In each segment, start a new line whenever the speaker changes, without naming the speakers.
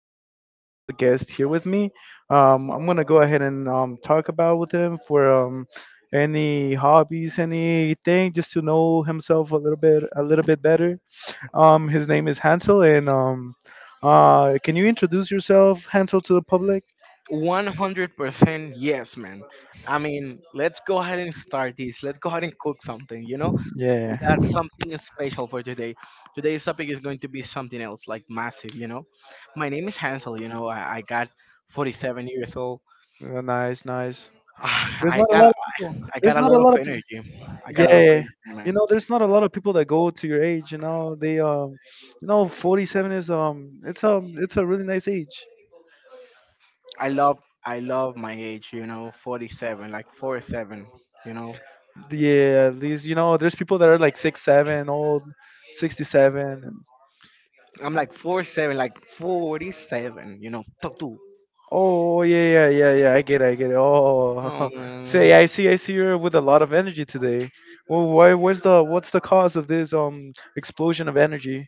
a special guest here with me. I'm gonna go ahead and talk about with him for any hobbies, anything, just to know himself a little bit, better. His name is Hansel, and can you introduce yourself, Hansel, to the public?
100% yes, man. I mean, let's go ahead and start this. Let's go ahead and cook something, you know?
Yeah.
We got something special for today. Today's topic is going to be something else, like massive, you know? My name is Hansel, you know? I got 47 years old.
Nice, nice. There's
I
not a
got
lot
a,
of people.
I
There's
got a
not a
lot of
lot of people.
energy. I got a lot of
Yeah,
energy,
you
man.
know, there's not a lot of people that go to your age. You know, they, 47 is it's a really nice age.
I love I love my age, you know, 47, like 47, you know?
Yeah, these, there's people that are like six, seven, old, 67.
I'm like 47, like 47, you know? Tutu.
Oh, yeah, yeah, yeah, yeah. I get it, I get it.
Oh,
Oh,
man.
say, I see you're with a lot of energy today. Well, why? What's the cause of this explosion of energy?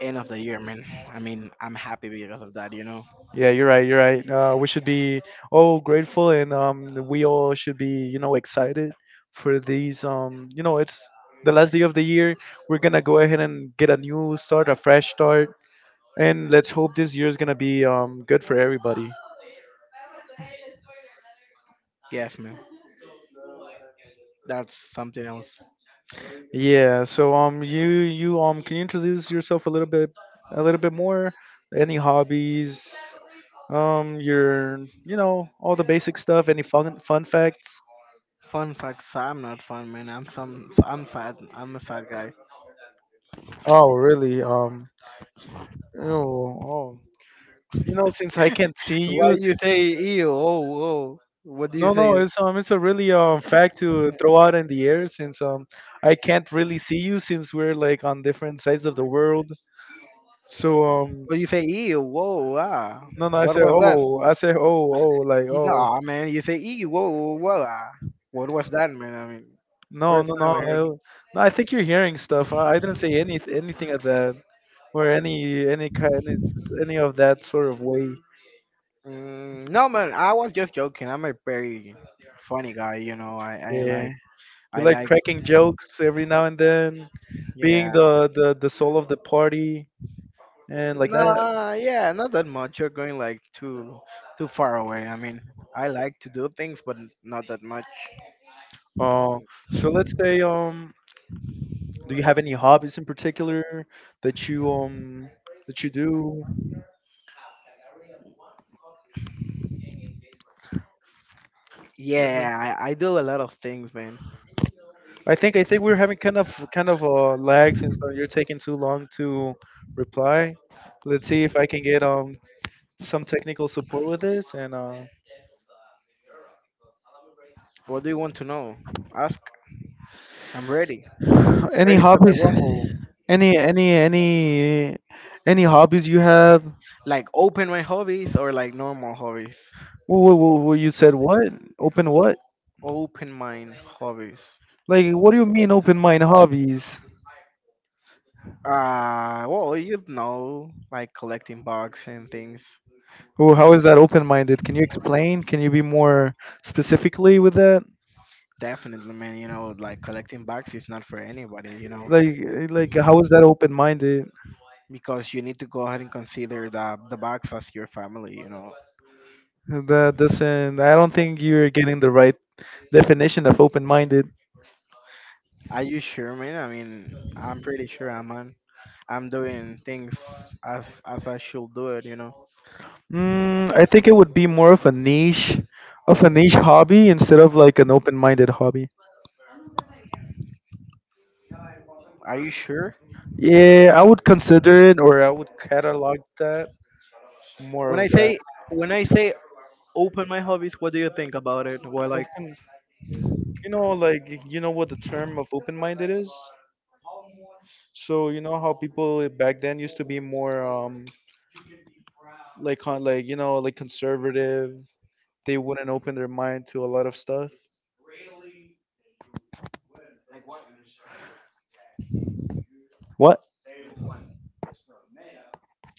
End of the year, man. I mean, I'm happy because of that, you know.
Yeah, you're right, you're right. We should be all grateful, and we all should be, you know, excited for these, it's the last day of the year. We're gonna go ahead and get a new start, a fresh start, and let's hope this year is gonna be good for everybody.
Yes, man. That's something else.
Yeah, so you you can you introduce yourself a little bit, more? Any hobbies? Um your all the basic stuff, any fun facts?
Fun facts. I'm not fun, man. I'm some. I'm sad. I'm a sad guy.
Oh, really? Oh, oh. You know, since I can't see
Why
you,
you say ew? Oh, whoa. What do you
no,
say?
no, it's a really fact to throw out in the air, since I can't really see you, since we're like on different sides of the world. So
But you say ew. Whoa. Ah.
no, no, I
What
said
was that?
oh, oh, like oh.
Nah, man. You say ew. Whoa. Whoa. Ah. What was that, man? I mean,
No,
first
no, no.
time I heard.
No, I think you're hearing stuff. I didn't say anything of that, or any kind, any of that sort of way.
Mm, no, man. I was just joking. I'm a very funny guy. You know.
Yeah, you
I
like
like.
cracking jokes every now and then,
Yeah.
being the soul of the party and like that.
No, yeah, not that much. You're going like too far away. I mean, I like to do things, but not that much. Oh.
Uh, so let's say, do you have any hobbies in particular that you um that you do?
Yeah, I do a lot of things, man.
I think we're having kind of lags, and so you're taking too long to reply. Let's see if I can get some technical support with this. And
What do you want to know? Ask. I'm ready.
any
Ready for the
hobbies,
rumble.
any any any any hobbies you have?
Like open my hobbies or like normal hobbies?
Whoa, whoa, whoa, you said what? Open what?
Open mind hobbies.
Like, what do you mean open mind hobbies?
Well, you know, like collecting bugs and things.
Well, how is that open minded? Can you explain? Can you be more specifically with that?
Definitely, man. You know, like collecting bugs is not for anybody. You know,
like like, how is that open minded?
because you need to go ahead and consider the box as your family. You know,
That doesn't. I don't think you're getting the right definition of open minded.
are you sure, man? I mean, I'm pretty sure I'm on. I'm doing things as I should do it. You know,
Mm, I think it would be more of a niche, hobby instead of like an open minded hobby.
are you sure?
Yeah, I would consider it, or I would catalog that more
When I
of that.
say when I say open my hobbies, what do you think about it? Well,
Open, like you know what the term of open minded is. So you know how people back then used to be more like like, like conservative. They wouldn't open their mind to a lot of stuff. What?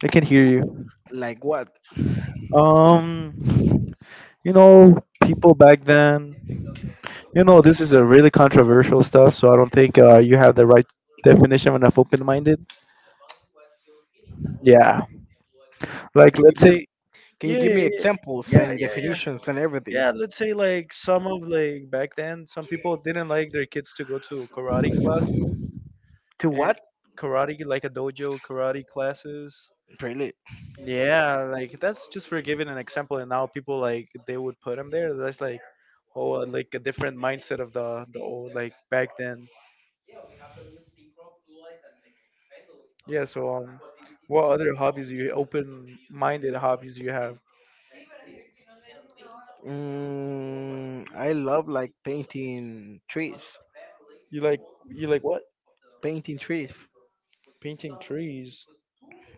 I can hear you.
like what?
Um, you know, people back then, you know, this is a really controversial stuff, so I don't think you have the right definition of open minded. Yeah. Like,
Can you
let's
give
say,
can you
yeah,
give
yeah,
me
yeah,
examples
yeah,
and
yeah, yeah.
definitions and everything?
Yeah, let's say, like some of, like, back then, some people didn't like their kids to go to karate classes,
To
and
what?
karate, like a dojo karate classes.
Really?
Yeah, like, that's just for giving an example, and now people, like, they would put them there. That's like, oh, like a different mindset of the old, like back then. Yeah. So, what other hobbies do you open minded hobbies you have?
Mm, I love like painting trees.
You like you like what?
Painting trees.
Painting trees.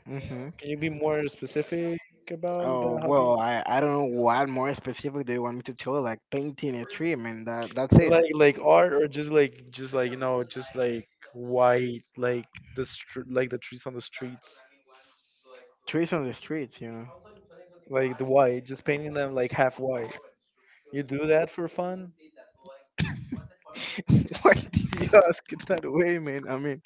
Mm-hmm.
Can you be more specific about the
Oh
hobby?
well, I don't know what more specific do you want me to tell? Like painting a tree. I mean that that's it.
Like art, or just like, white, like like the trees on the streets,
Trees on the streets, you know.
like the white, just painting them like half white. You do that for fun?
Why did you ask it that way, man? I mean,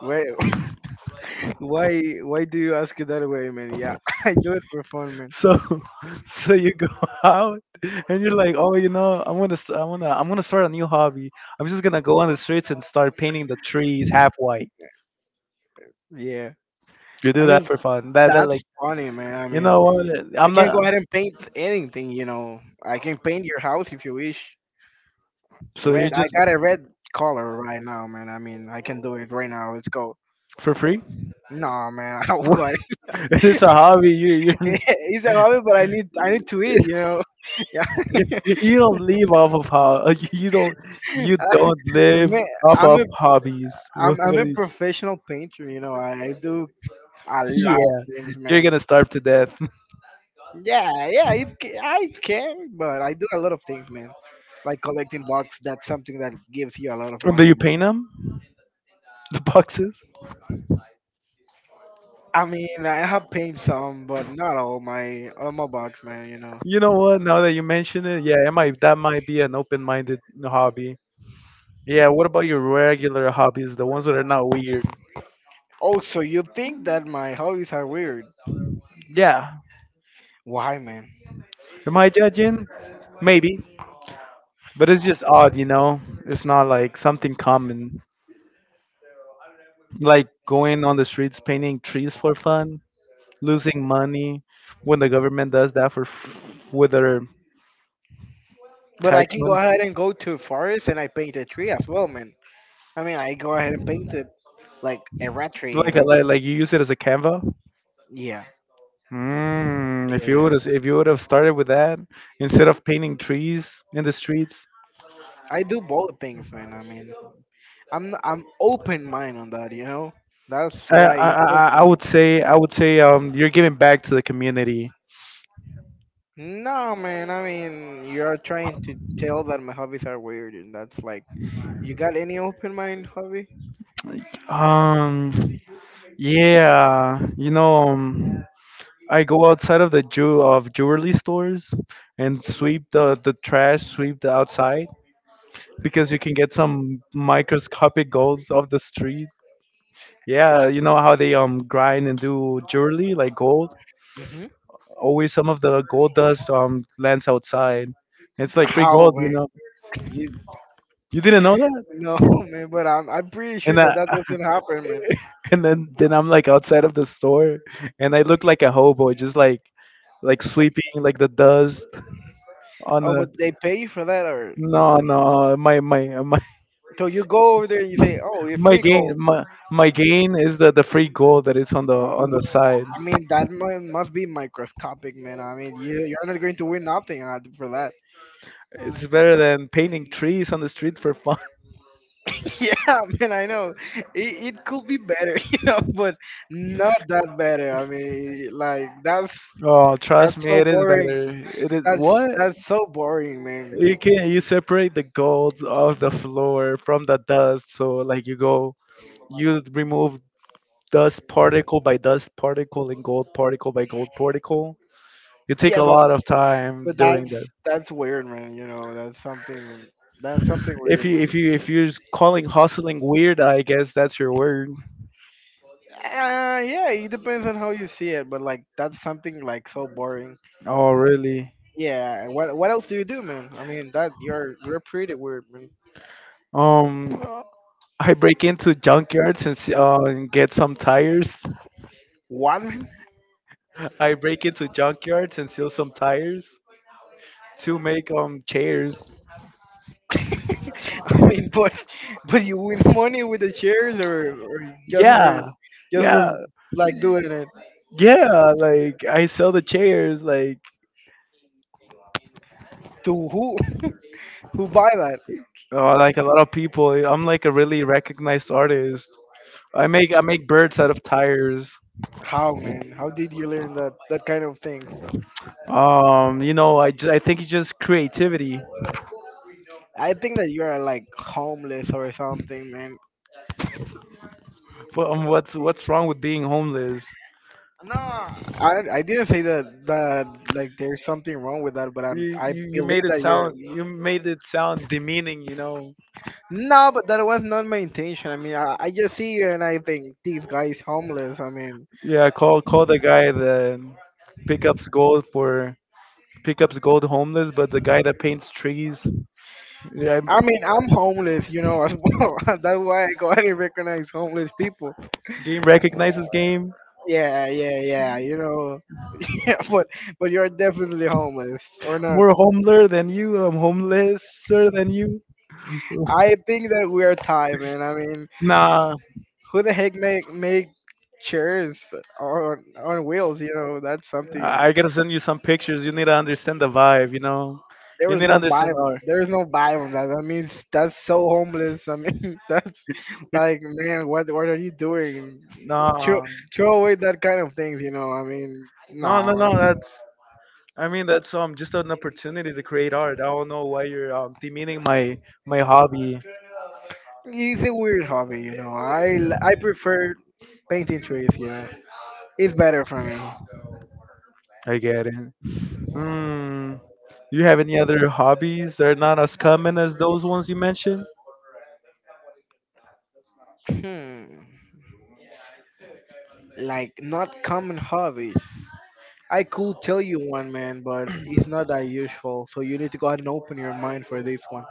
why why do you ask it that way, man? Yeah, I do it for fun, man.
So, you go out, and you're like, oh, I'm gonna start a new hobby. I'm just gonna go on the streets and start painting the trees half white.
Yeah,
You
I
do that
mean
for fun. That,
that's
like,
funny, man. I
you
mean
know what?
I
I'm
can
not.
go ahead and paint anything, you know. I can paint your house if you wish.
So you
Red, I
just,
got a red collar right now, man. I mean, I can do it right now. Let's go.
for free?
No, man, I'm
What?
going.
It's a hobby. You
It's a hobby, but I need to eat. You know, yeah.
you don't live off of how you don't live
Man,
off
I'm
of
a
hobbies.
I'm
What
a
are you,
professional painter. You know, I do a lot of
yeah,
things,
you're
man.
gonna starve to death.
Yeah, yeah, I can, but I do a lot of things, man. Like collecting bucks, that's something that gives you a lot of
Do you
money.
paint them? The boxes?
I mean, I have paid some, but not all my bucks, man. You know.
You know what? Now that you mention it, yeah, it might that might be an open-minded hobby. Yeah. What about your regular hobbies? The ones that are not weird.
Oh, so you think that my hobbies are weird?
Yeah.
Why, man?
Am I judging? Maybe, but it's just odd, you know? It's not like something common. Like going on the streets painting trees for fun, losing money when the government does that for with their
But I
tax
can go
money.
ahead and go to a forest and I paint a tree as well, man. I mean, I go ahead and paint it like a rat tree, you
Like,
know?
like, you use it as a canva.
Yeah,
Mm,
yeah.
if you would have started with that instead of painting trees in the streets,
I do both things, man. I mean, I'm open mind on that, you know. That's why it's open.
I would say, you're giving back to the community.
No, man. I mean, you're trying to tell that my hobbies are weird, and that's like, you got any open mind hobby?
Like, yeah, I go outside of the jewelry stores, and sweep the trash, sweep the outside, because you can get some microscopic golds off the street. Yeah, you know how they grind and do jewelry, like gold.
Hmm.
Always some of the gold dust lands outside. It's like free
How,
gold, you
man?
know. You you didn't know that?
No, man, but I'm pretty sure
And
that
I,
that doesn't happen, man.
and then I'm like outside of the store, and I look like a hobo, just like, sweeping, like the dust on
Oh,
the,
but they pay you for that, or
no, no, my
so you go over there and you say, "Oh, it's
my
free
gain
gold."
my my gain is the free gold that is on the
But,
side.
I mean, that mu- must be microscopic, man. I mean, you're not going to win nothing out for that.
It's better than painting trees on the street for fun.
Yeah, man, I know. It could be better, you know, but not that better. I mean, like
Oh, trust
that's
me,
so
it is
boring.
better. It is what
That's so boring,
you
man.
can, you separate the gold off the floor from the dust. So, like, you remove dust particle by dust particle, and gold particle by gold particle. You take
Yeah,
a
but
lot of time doing.
that's weird, man. You know, that's something. That's something weird, man.
If you're calling hustling weird, I guess that's your word.
Yeah, it depends on how you see it, but like that's something like so boring.
Oh, really?
Yeah, what else do you do, man? I mean, that you're pretty weird, man.
Um, I break into junkyards and and get some tires.
One,
I break into junkyards and steal some tires to make chairs.
I mean, but you win money with the shares or just for
Yeah,
just for
yeah,
like doing it
yeah. Like, I sell the chairs. Like,
to who? Who buy that?
like a lot of people. I'm like a really recognized artist. I make birds out of tires.
How, man? How did you learn that that kind of things?
I think it's just creativity.
I think that you are like homeless or something, man.
Well, what's wrong with being homeless?
I didn't say that that like there's something wrong with that, but I
You
believe
made it
that you're
sound, demeaning,
no, but that was not my intention. I mean, I just see you and I think this guy is homeless.
Yeah, call, call the guy that pickups gold for, pickups gold homeless, but the guy that paints trees. Yeah,
I mean I'm homeless, you know, as well. That's why I go ahead and recognize homeless people.
game
Uh,
recognizes game.
yeah, you know, yeah, but you're definitely homeless or not.
More homeless than you. I'm homelesser than you.
I think that we are tied, man. I mean,
Nah,
who the heck make chairs on wheels? You know, that's something.
I gotta send you some pictures. You need to understand the vibe, you know.
There
You
was
need to
no
understand the
Bible.
art.
There was no Bible. That I mean, that's so homeless. I mean, that's like, man, what are you doing? Throw,
Nah.
throw away that kind of things. You know, I mean,
No, no,
no,
no. That's I mean, that's just an opportunity to create art. I don't know why you're demeaning my hobby.
it's a weird hobby. You know, I prefer painting trees. You know, it's better for me.
I get it. Mm. Do you have any other hobbies that are not as common as those ones you mentioned?
Hmm, like not common hobbies. I could tell you one, man, but it's not that usual. So you need to go ahead and open your mind for this one.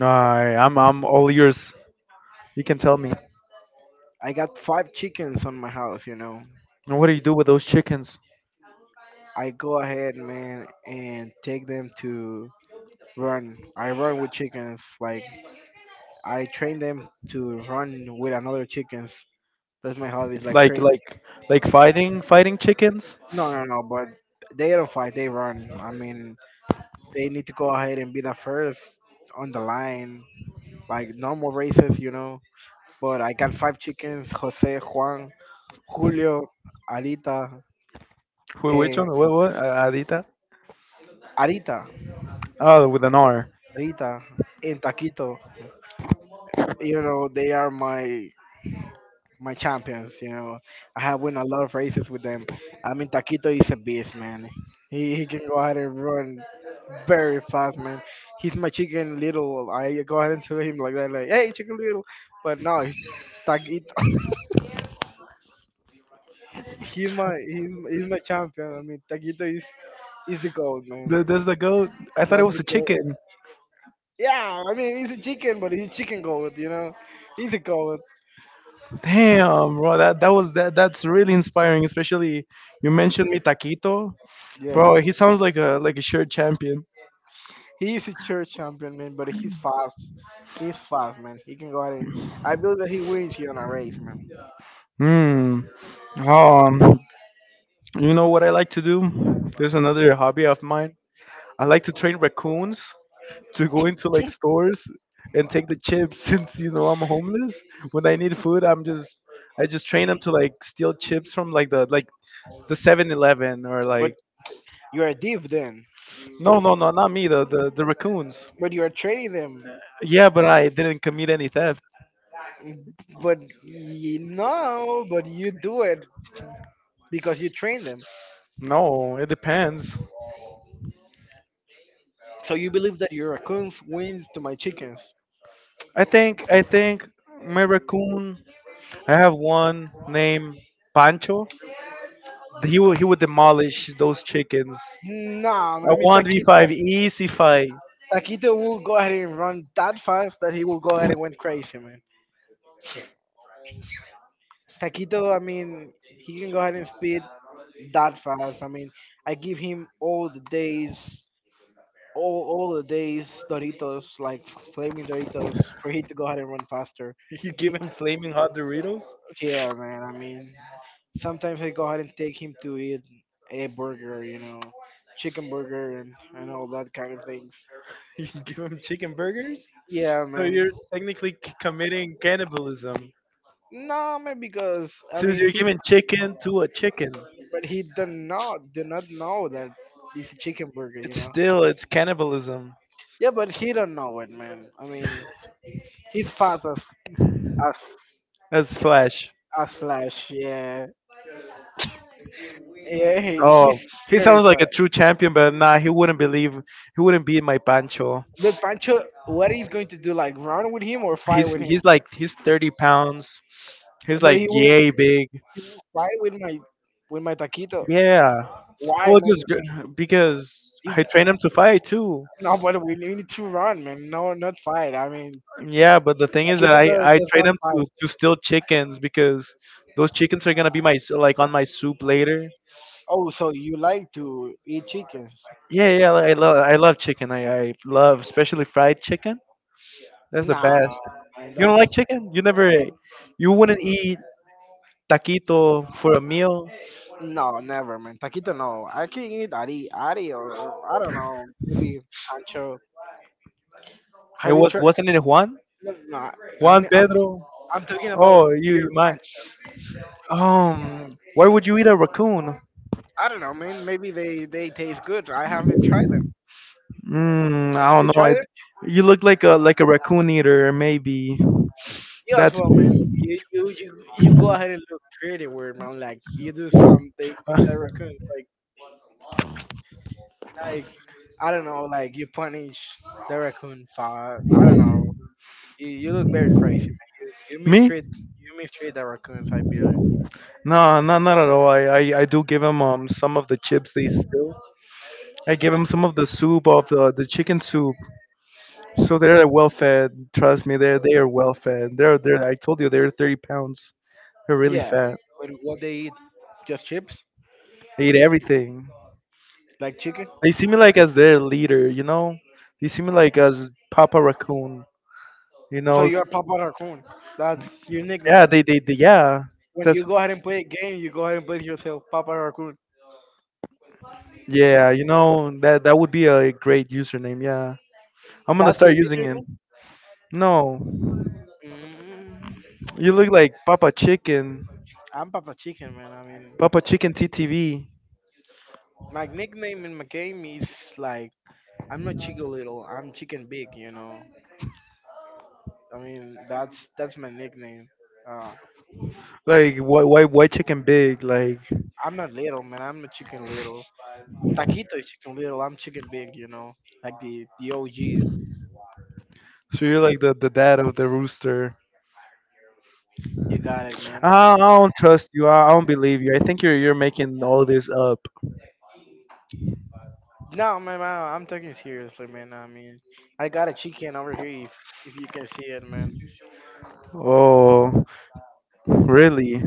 Alright, I'm all yours. You can tell me.
I got five chickens on my house, you know.
And what do you do with those chickens?
I go ahead, man, and take them to run. I run with chickens. Like, I train them to run with another chickens. That's my hobby, is like
Like
train.
like like, fighting chickens?
No, no, no, but they don't fight, they run. I mean, they need to go ahead and be the first on the line, like normal races, you know. But I got five chickens Jose, Juan, Julio, Arita,
Which one?
and
What? What? Adita?
Arita,
Oh, with an R.
Arita, and Taquito. You know they are my champions, you know. I have won a lot of races with them. I mean Taquito is a beast, man. He can go ahead and run very fast, man. He's my chicken little. I go ahead and tell him like that, like hey chicken little. But no, he's Taquito. He's my he's my champion. I mean Taquito is the goat, man.
That's the goat. I thought it
That's
was
the
a
goat.
chicken.
Yeah, I mean he's a chicken but he's a chicken goat, you know. He's a goat.
Damn, bro. That was that. That's really inspiring. Especially you mentioned mi taquito,
Yeah.
bro. He sounds like a sure champion.
He is a church champion, man, but he's fast. He's fast, man. He can go out and I believe that he wins here on a race, man.
Hmm. Um. You know what I like to do? There's another hobby of mine. I like to train raccoons to go into like stores and take the chips. Since, you know, I'm homeless, when I need food, I just train them to, like, steal chips from, like the 7-Eleven, or like,
But you are deep then.
no, no, no, not me, the, the raccoons.
But you are trading them.
Yeah, but I didn't commit any theft.
But you know, but you do it because you train them.
No, it depends.
So your raccoons wins to my chickens.
I think my raccoon. I have one named Pancho. He would demolish those chickens.
Nah, man,
A
I mean
one v five easy fight.
Taquito will go ahead and run that fast that he will go ahead and went crazy, man. Taquito, I mean, he can go ahead and speed that fast. I mean, I give him all the days, all the days Doritos, like flaming Doritos, for he to go ahead and run faster.
You give him flaming hot Doritos.
Yeah, man. I mean, sometimes I go ahead and take him to eat a burger, you know, chicken burger and all that kind of things.
You give him chicken burgers.
Yeah,
So you're
man.
technically committing cannibalism.
No, man, because I
Since
mean
you're giving chicken to a chicken,
but he did not know that it's a chicken burger, you know.
it's cannibalism.
Yeah, but he don't know it, man. I mean, he's fast as
That's Flash.
as Flash. Yeah, yeah,
Oh,
he's
he
very
sounds like
fast.
a true champion, but nah, he wouldn't believe. He wouldn't beat my Pancho.
But Pancho, what he's going to do? Like run with him or fight
He's
with him?
he's like he's 30 pounds. He's
But
like
he will
yay big.
fight with my taquito.
Yeah,
Why,
well,
man?
because
He's,
I train him to fight too.
no, but we need to run, man. No, not fight. I mean,
Yeah, but the thing is that
taquito
I I
does
train
not
him
fight.
to steal chickens because those chickens are gonna be like on my soup later.
Oh, so you like to eat chickens?
Yeah, yeah, like, I love chicken. I love especially fried chicken. That's the
Nah,
best.
man.
You don't like
That's
chicken? You wouldn't eat taquito for a meal.
no, never, man. Taquito, no. I can eat ari, or I don't know, maybe pancho.
It
Have you
was
tried?
wasn't it Juan?
No, no, I
Juan
mean,
Pedro.
I'm talking about
Oh, you
pure
might.
pancho.
Why would you eat a raccoon?
I don't know, man. Maybe they taste good. I haven't tried them.
Mm, I
Have
don't
you
know.
tried
It,
them?
you look like a raccoon eater maybe.
You as
That's
well, man. You go ahead and look creative, weird man. Like you do something the raccoon, like I don't know, like you punish the raccoon for I don't know. You look very crazy, man. You
me?
mistreat the raccoons, I believe.
No, no, not at all. I do give him some of the chips they steal. I give him some of the soup of the chicken soup. So they're well fed. Trust me, they are well fed. They're I told you they're 30 pounds. They're really
Yeah,
fat.
but what they eat? Just chips,
They eat everything.
like chicken.
They see me like as their leader, you know? They see me like as Papa Raccoon. You
So
know?
you're Papa Raccoon. That's your
Yeah,
nickname.
they yeah.
When
That's
you go ahead and play a game, you go ahead and play yourself Papa Raccoon.
yeah, you know, that that would be a great username, yeah. I'm gonna
That's
start
your
using it.
username.
No.
Mm,
You look like Papa Chicken.
I'm Papa Chicken, man. I mean,
Papa Chicken TTV.
my nickname in my game is like I'm not Chicken Little. I'm Chicken Big. You know. I mean, that's my nickname. Uh,
Like why chicken big? Like
I'm not little, man. I'm not Chicken Little. Taquitos chicken little, I'm chicken big, you know. Like the OG. You
so you're like the dad of the rooster.
got it, man.
I don't trust you. I don't believe you. I think you're making all this up.
No, man, I'm taking it seriously, man. I mean, I got a chicken over here if you can see it, man.
Oh, really?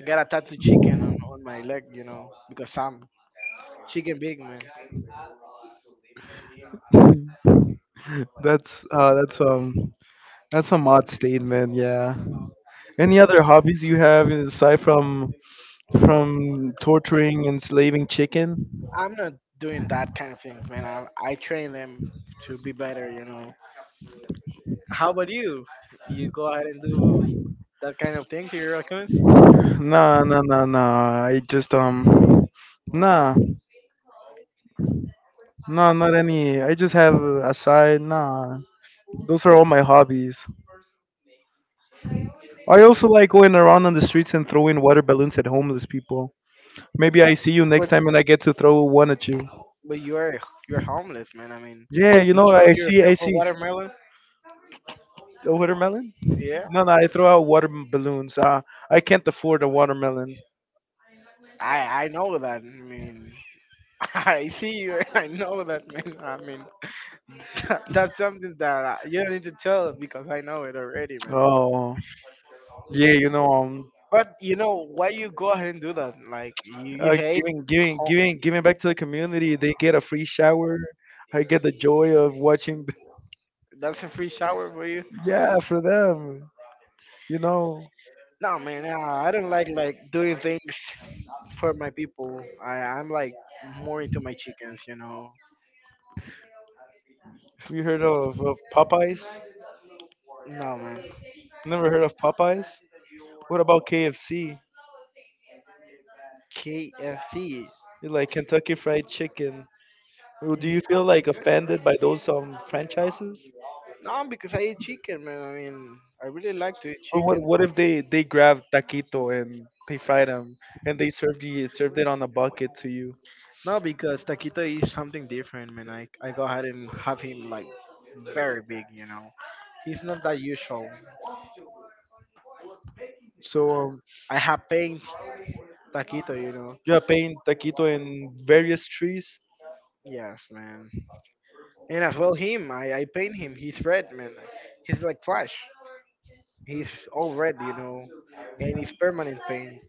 I got a tattoo chicken on my leg, you know, because I'm chicken big, man.
That's that's a mod statement. Yeah. Any other hobbies you have aside from torturing, enslaving chicken?
I'm not doing that kind of things, man. I train them to be better, you know. How about you? You go ahead and do that kind of thing to your raccoons?
Nah. I just nah, nah, not any. I just have a side. Nah, those are all my hobbies. I also like going around on the streets and throwing water balloons at homeless people. Maybe I see you next
But
time and I get to throw one at you.
but you're homeless, man. I mean,
Yeah, you
you
know,
throw
I
yourself a
see
watermelon?
a watermelon.
Yeah.
No, no, I throw out water balloons. I can't afford a watermelon.
I know that. I mean, I see you. And I know that, man. I mean, that's something that you don't need to tell because I know it already, man.
Oh, yeah, you know,
But you know why you go ahead and do that? Like you hate. Ho-
Giving back to the community. They get a free shower. I get the joy of watching.
That's a free shower for you.
yeah, for them. You know,
No, man. I don't like doing things for my people. I'm like more into my chickens, you know.
have you heard of Popeyes?
No, man.
Never heard of Popeyes? What about KFC?
KFC.
You like Kentucky Fried Chicken. Well, do you feel like offended by those franchises?
No, because I eat chicken, man. I mean, I really like to eat
But
chicken.
what if they grab taquito and they fried them and they served you served it on a bucket to you?
No, because Taquito is something different, man. I go ahead and have him like very big, you know. He's not that usual.
So um,
I have paint Taquito, you know.
you are paying taquito in various trees.
Yes, man. And as well him, I paint him. He's red, man. He's like Flash. He's all red, you know, and it's permanent paint.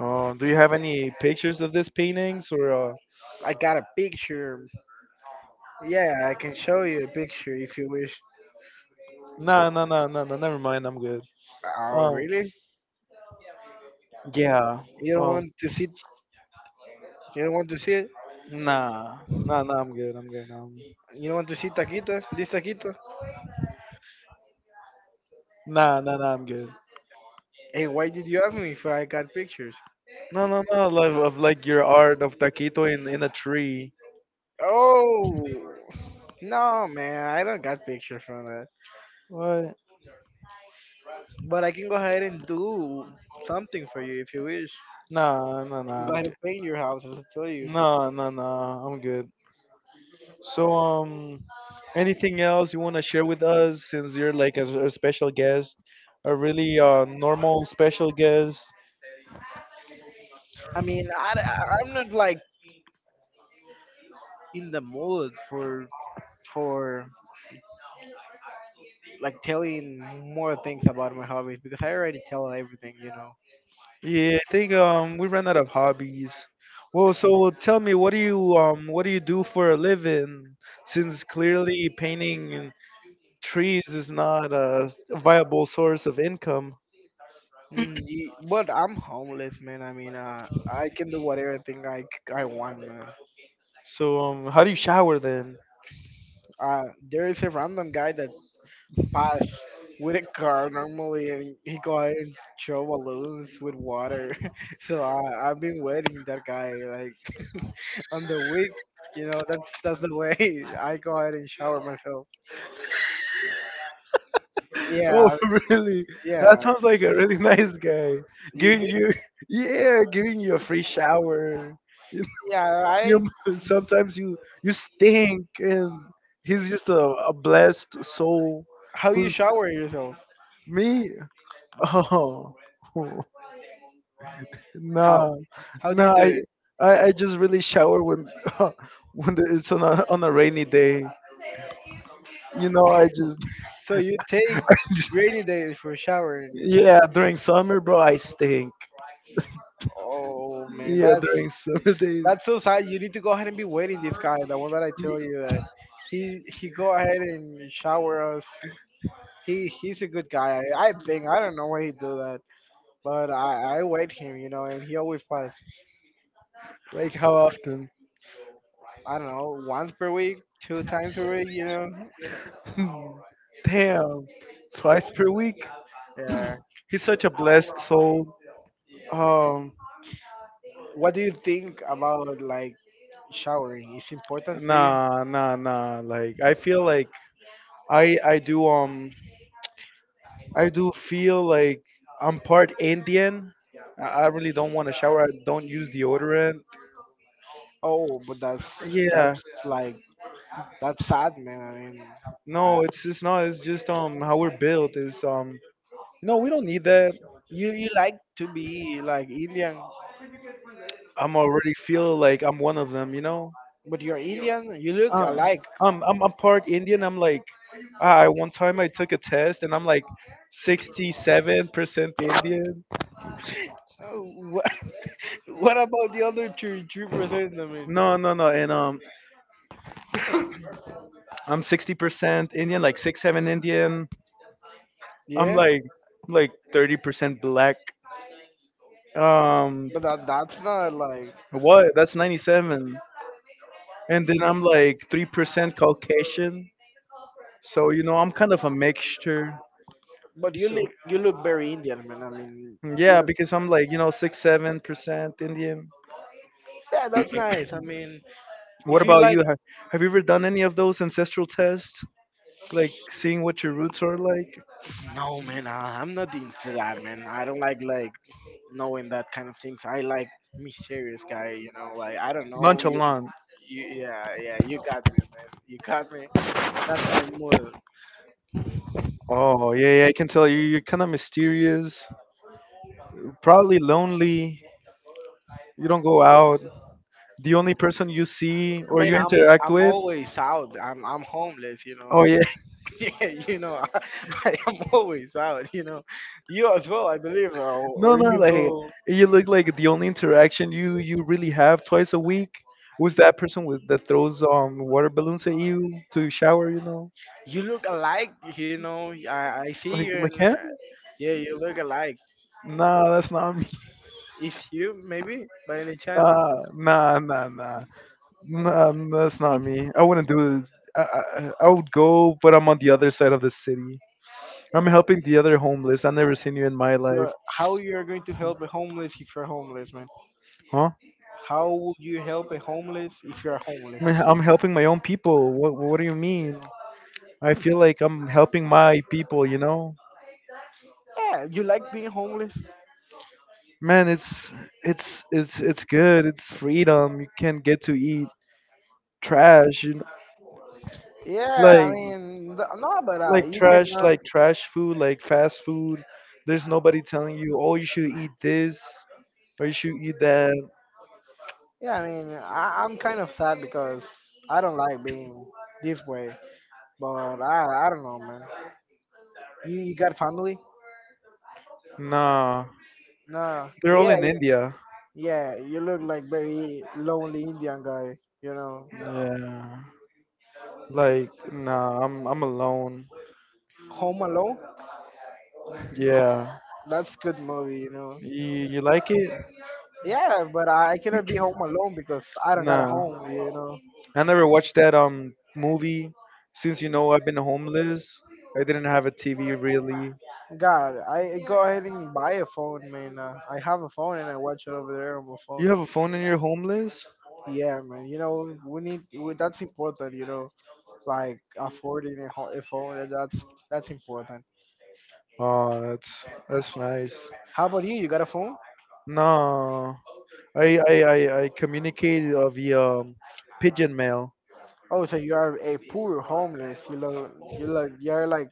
Do you have any pictures of these paintings or?
I got a picture. Yeah, I can show you a picture if you wish.
No, no, no, no, no. Never mind. I'm good.
Oh,
Um,
really?
yeah.
You don't
Um,
want to see? You don't want to see it?
nah, nah, nah. I'm good.
You don't want to see Taquita? This Taquita?
Nah, nah, nah. I'm good.
And why did you ask me if I got pictures?
No, no, no. Like of like your art of taquito in a tree.
Oh, no, man, I don't got pictures from that.
What?
But I can go ahead and do something for you if you wish.
Nah, nah,
I can
nah.
go
I'm
ahead
good.
and paint your house, as I told you.
No, no, no. I'm good. So. Anything else you want to share with us since you're like a special guest, a really normal special guest?
I mean, I am not like in the mood for like telling more things about my hobbies because I already tell everything, you know.
Yeah, I think we ran out of hobbies. Well, so tell me, what do you do for a living? Since clearly painting trees is not a viable source of income.
Mm, ye- but I'm homeless, man. I mean, I can do whatever thing I, c- I want, man.
So how do you shower then?
Uh, there is a random guy that passed with a car normally, and he go ahead and throw balloons with water. So I, I've been waiting that guy like on the week. You know, that's the way I go ahead and shower myself.
Oh,
Yeah,
really? That
yeah.
sounds like a really nice guy.
You
Giving
think?
you yeah, giving you a free shower.
Yeah,
you
I.
sometimes you stink and he's just a blessed soul
How you
who's
shower yourself?
me oh
How?
no
How do you
no
do it?
I just really shower when when it's on a rainy day you know I just
So you take rainy days for showering.
yeah during summer bro I stink
Oh man,
yeah
that's
during summer days
that's so sad. You need to go ahead and be waiting this guy, the one that I tell
y-
you that he go ahead and shower us. He's a good guy. I think I don't know why he do that, but I wait him, you know, and he always pass.
like how often
I don't know, once per week, two times per week, you know.
damn twice per week.
Yeah.
He's such a blessed soul. Um,
What do you think about like showering? It's important for you?
nah, nah, nah. Like I feel like I I do um I do feel like I'm part Indian. I really don't want to shower. I don't use deodorant.
Oh, but that's
Yeah.
that's like that's sad, man. I mean, I,
No, it's not. It's just how we're built is you know we don't need that.
you like to be like Indian,
I'm already feel like I'm one of them. You know.
but you're Indian. You look
Uh,
alike. Oh,
I'm part Indian. I one time I took a test and I'm like 67% Indian.
wha- what about the other two three percent? I mean,
No, no, no. And I'm 60% Indian, like six seven Indian. I'm
yeah,
like 30% black. Um,
but that that's not like.
what? That's 97. And then I'm like 3% Caucasian. So you know, I'm kind of a mixture.
But you
So
look you look very Indian, man. I mean, you
yeah,
look
because I'm like you know six seven% Indian.
yeah, that's nice. I mean,
What
if you
about
like
you? Ha- Have you ever done any of those ancestral tests, like seeing what your roots are like?
No, man, I'm not into that, man. I don't like knowing that kind of things. I like mysterious guy, you know. Like I don't know.
Nonchalant.
You, yeah, yeah, you got me, man. You got me. That's my mood.
Oh yeah, yeah. I can tell you, you're kind of mysterious, probably lonely. You don't go out. The only person you see or
Man,
you
I'm
interact
I'm
with.
always out. I'm homeless, you
Oh
know.
yeah.
Yeah, you know, I am always out, you know. You as well, I believe, or,
No,
or
no.
you
Like
go.
you look like the only interaction you really have twice a week was that person with that throws water balloons at you to shower. You know,
You look alike, you know. I see you
like
and
him.
yeah, you look alike.
Nah, that's not me.
Is you maybe by any chance?
Nah, nah, nah, nah, nah. That's not me. I wouldn't do this. I would go, but I'm on the other side of the city. I'm helping the other homeless. I've never seen you in my life,
So how you are going to help a homeless if you're homeless, man?
huh?
How would you help a homeless if you're homeless?
I'm helping my own people. What do you mean? I feel like I'm helping my people. You know,
Yeah, you like being homeless?
man. It's good. It's freedom. You can not get to eat trash. You know?
Yeah, I
Like
mean, th- no, but you cannot.
like trash food, like fast food. There's nobody telling you, oh, you should eat this or you should eat that.
Yeah, I mean, I, I'm kind of sad because I don't like being this way. But I don't know, man. You got family?
Nah,
No.
they're all
Yeah,
in
yeah.
India.
Yeah, you look like very lonely Indian guy, you know.
Yeah, like nah, I'm alone.
Home Alone,
Yeah,
that's good movie, you know.
you you like it?
Yeah, but I cannot be home alone because I don't got a
Nah,
home, you know.
I never watched that movie. Since you know I've been homeless, I didn't have a TV really.
God, I go ahead and buy a phone, man. I have a phone and I watch it over there on my
You
phone.
have a phone in your home, Liz?
Yeah, man. You know, we, that's important. You know, like affording a, ho- a phone. And that's important.
Oh, that's nice.
How about you? You got a phone?
No, I communicate via pigeon mail.
Oh, so you are a poor homeless. You look you're like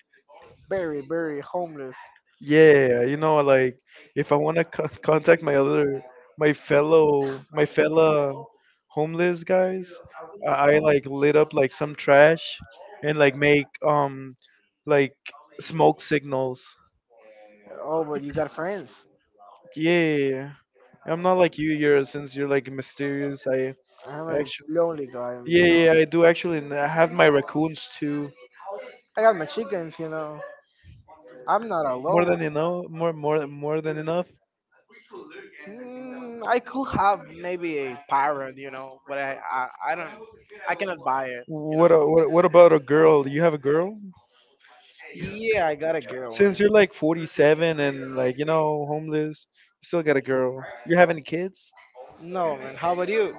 very, very homeless.
Yeah, you know, like if I want to contact my fella homeless guys, I like lit up like some trash and like make like smoke signals.
Oh, but you got friends.
Yeah, I'm not like you, you're since you're like mysterious. I
I'm a
actually,
lonely guy,
yeah,
you know.
yeah, I do actually. And I have my raccoons too.
I got my chickens, you know. I'm not
More
alone.
than enough. More than enough.
Mm, I could have maybe a parrot, you know, but I don't, I cannot buy it, you know.
What, what about a girl? You have a girl?
Yeah, I got a girl,
Since
man.
you're like 47 and like you know homeless, you still got a girl. You have any kids?
No, man. How about you?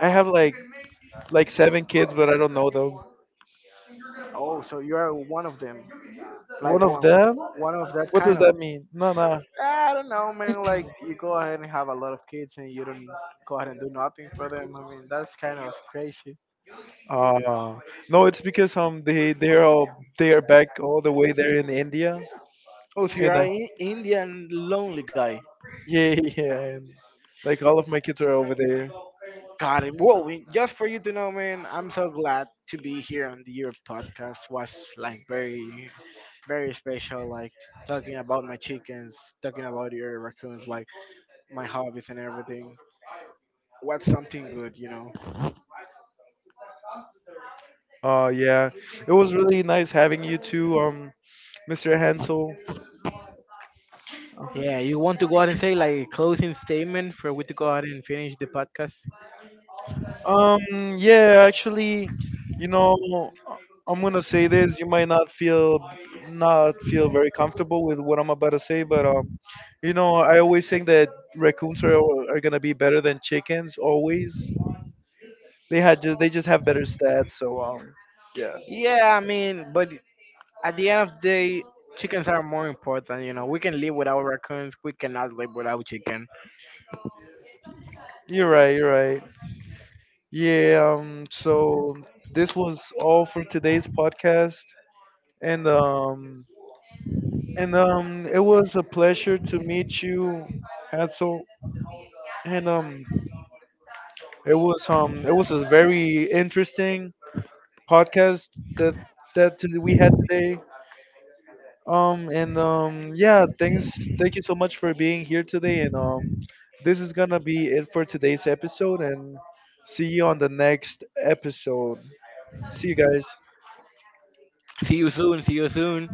I have like seven kids, but I don't know them.
Oh, so you are one of them, like
One of
one,
them?
one of that
What does
kind of.
that mean? No, no.
I don't know, man. Like you go ahead and have a lot of kids and you don't go ahead and do nothing for them. I mean, that's kind of crazy.
Uh, no, it's because they are all, they are back all the way there in India,
Oh, so you're
and
an Indian lonely guy.
yeah, yeah, and like all of my kids are over there.
Got it. Well, we- just for you to know, man, I'm so glad to be here on the, your podcast. Was like very special. Like talking about my chickens, talking about your raccoons, like my hobbies and everything. What's something good, you know?
Oh yeah, it was really nice having you too, Mr. Hansel.
Yeah, you want to go out and say like a closing statement for we to go out and finish the podcast?
Yeah, actually, you know, I- I'm gonna say this. You might not feel very comfortable with what I'm about to say, but you know, I always think that raccoons are gonna be better than chickens. Always, they just have better stats. So yeah,
Yeah, I mean, but at the end of the day, chickens are more important. You know, we can live without raccoons. We cannot live without chicken.
you're right. You're right. Yeah, so this was all for today's podcast, and um, and it was a pleasure to meet you, Hansel, and it was a very interesting podcast that we had today. And yeah, thanks, thank you so much for being here today, and this is gonna be it for today's episode, and see you on the next episode. See you guys.
See you soon. See you soon.